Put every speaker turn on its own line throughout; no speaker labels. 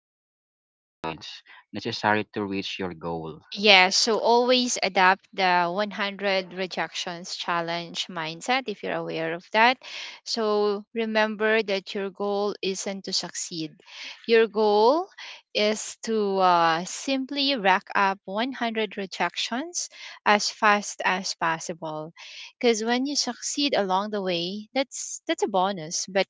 collecting data points necessary to reach your goal.
Yeah, so always adapt the 100 rejections challenge mindset if you're aware of that. So remember that your goal isn't to succeed. Your goal is to simply rack up 100 rejections as fast as possible. Because when you succeed along the way, that's a bonus. But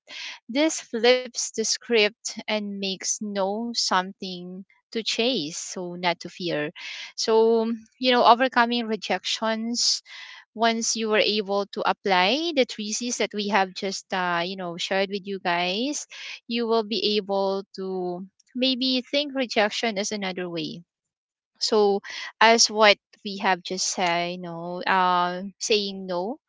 this flips the script and makes no something to chase, so not to fear so, overcoming rejections once you were able to apply the thesis that we have just, shared with you guys, you will be able to maybe think rejection as another way. So, as what we have just said, saying no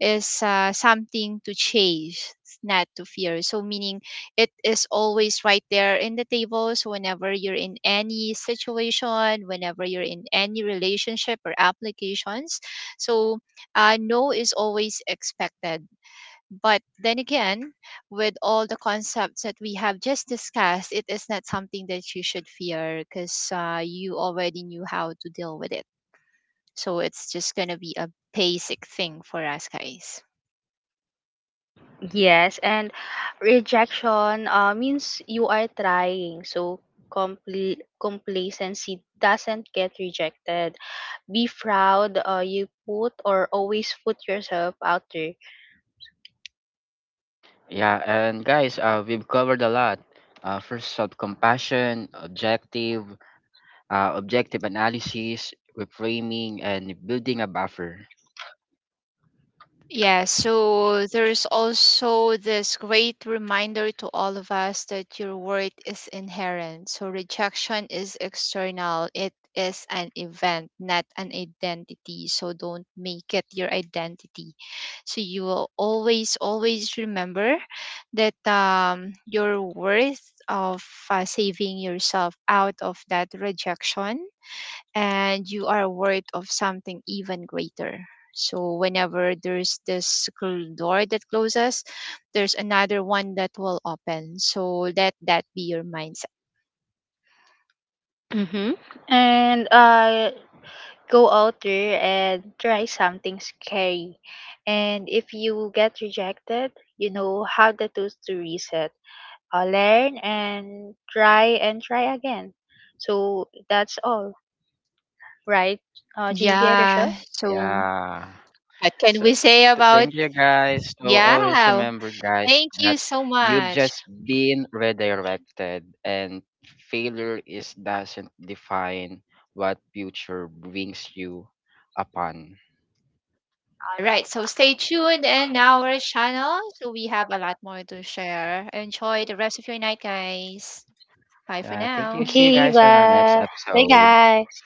is something to chase, not to fear. So, meaning it is always right there in the table. So, whenever you're in any situation, whenever you're in any relationship or applications, so no is always expected. But then again, with all the concepts that we have just discussed, it is not something that you should fear because you already knew how to deal with it. So it's just going to be a basic thing for us guys.
yes, and rejection means you are trying, so complacency doesn't get rejected. Be proud, you put, or always put, yourself out there.
Yeah, and guys, we've covered a lot. First, self-compassion, objective, objective analysis, reframing, and building a buffer.
Yeah,
Yes.
so there is also this great reminder to all of us that your worth is inherent. So rejection is external, it is an event, not an identity. So don't make it your identity. So you will always, always remember that your worth of saving yourself out of that rejection and you are worried of something even greater. So whenever there's this door that closes, there's another one that will open. So let that be your mindset.
Mm-hmm. And go out there and try something scary, and if you get rejected, you know how the tools to reset, learn and try again. So that's all right. Julia. Yeah. Rochelle.
Yeah. So
Yeah.
what can
So
we say about?
thank you guys. So always
Yeah.
remember guys
Thank
that
you so
you've
much.
just been redirected and failure is doesn't define what future brings you upon.
Right. So stay tuned in our channel. So we have a lot more to share. Enjoy the rest of your night, guys. Bye for
Yeah,
Right.
thank
now.
you. See you
Okay,
guys on our next
bye bye
episode.
guys.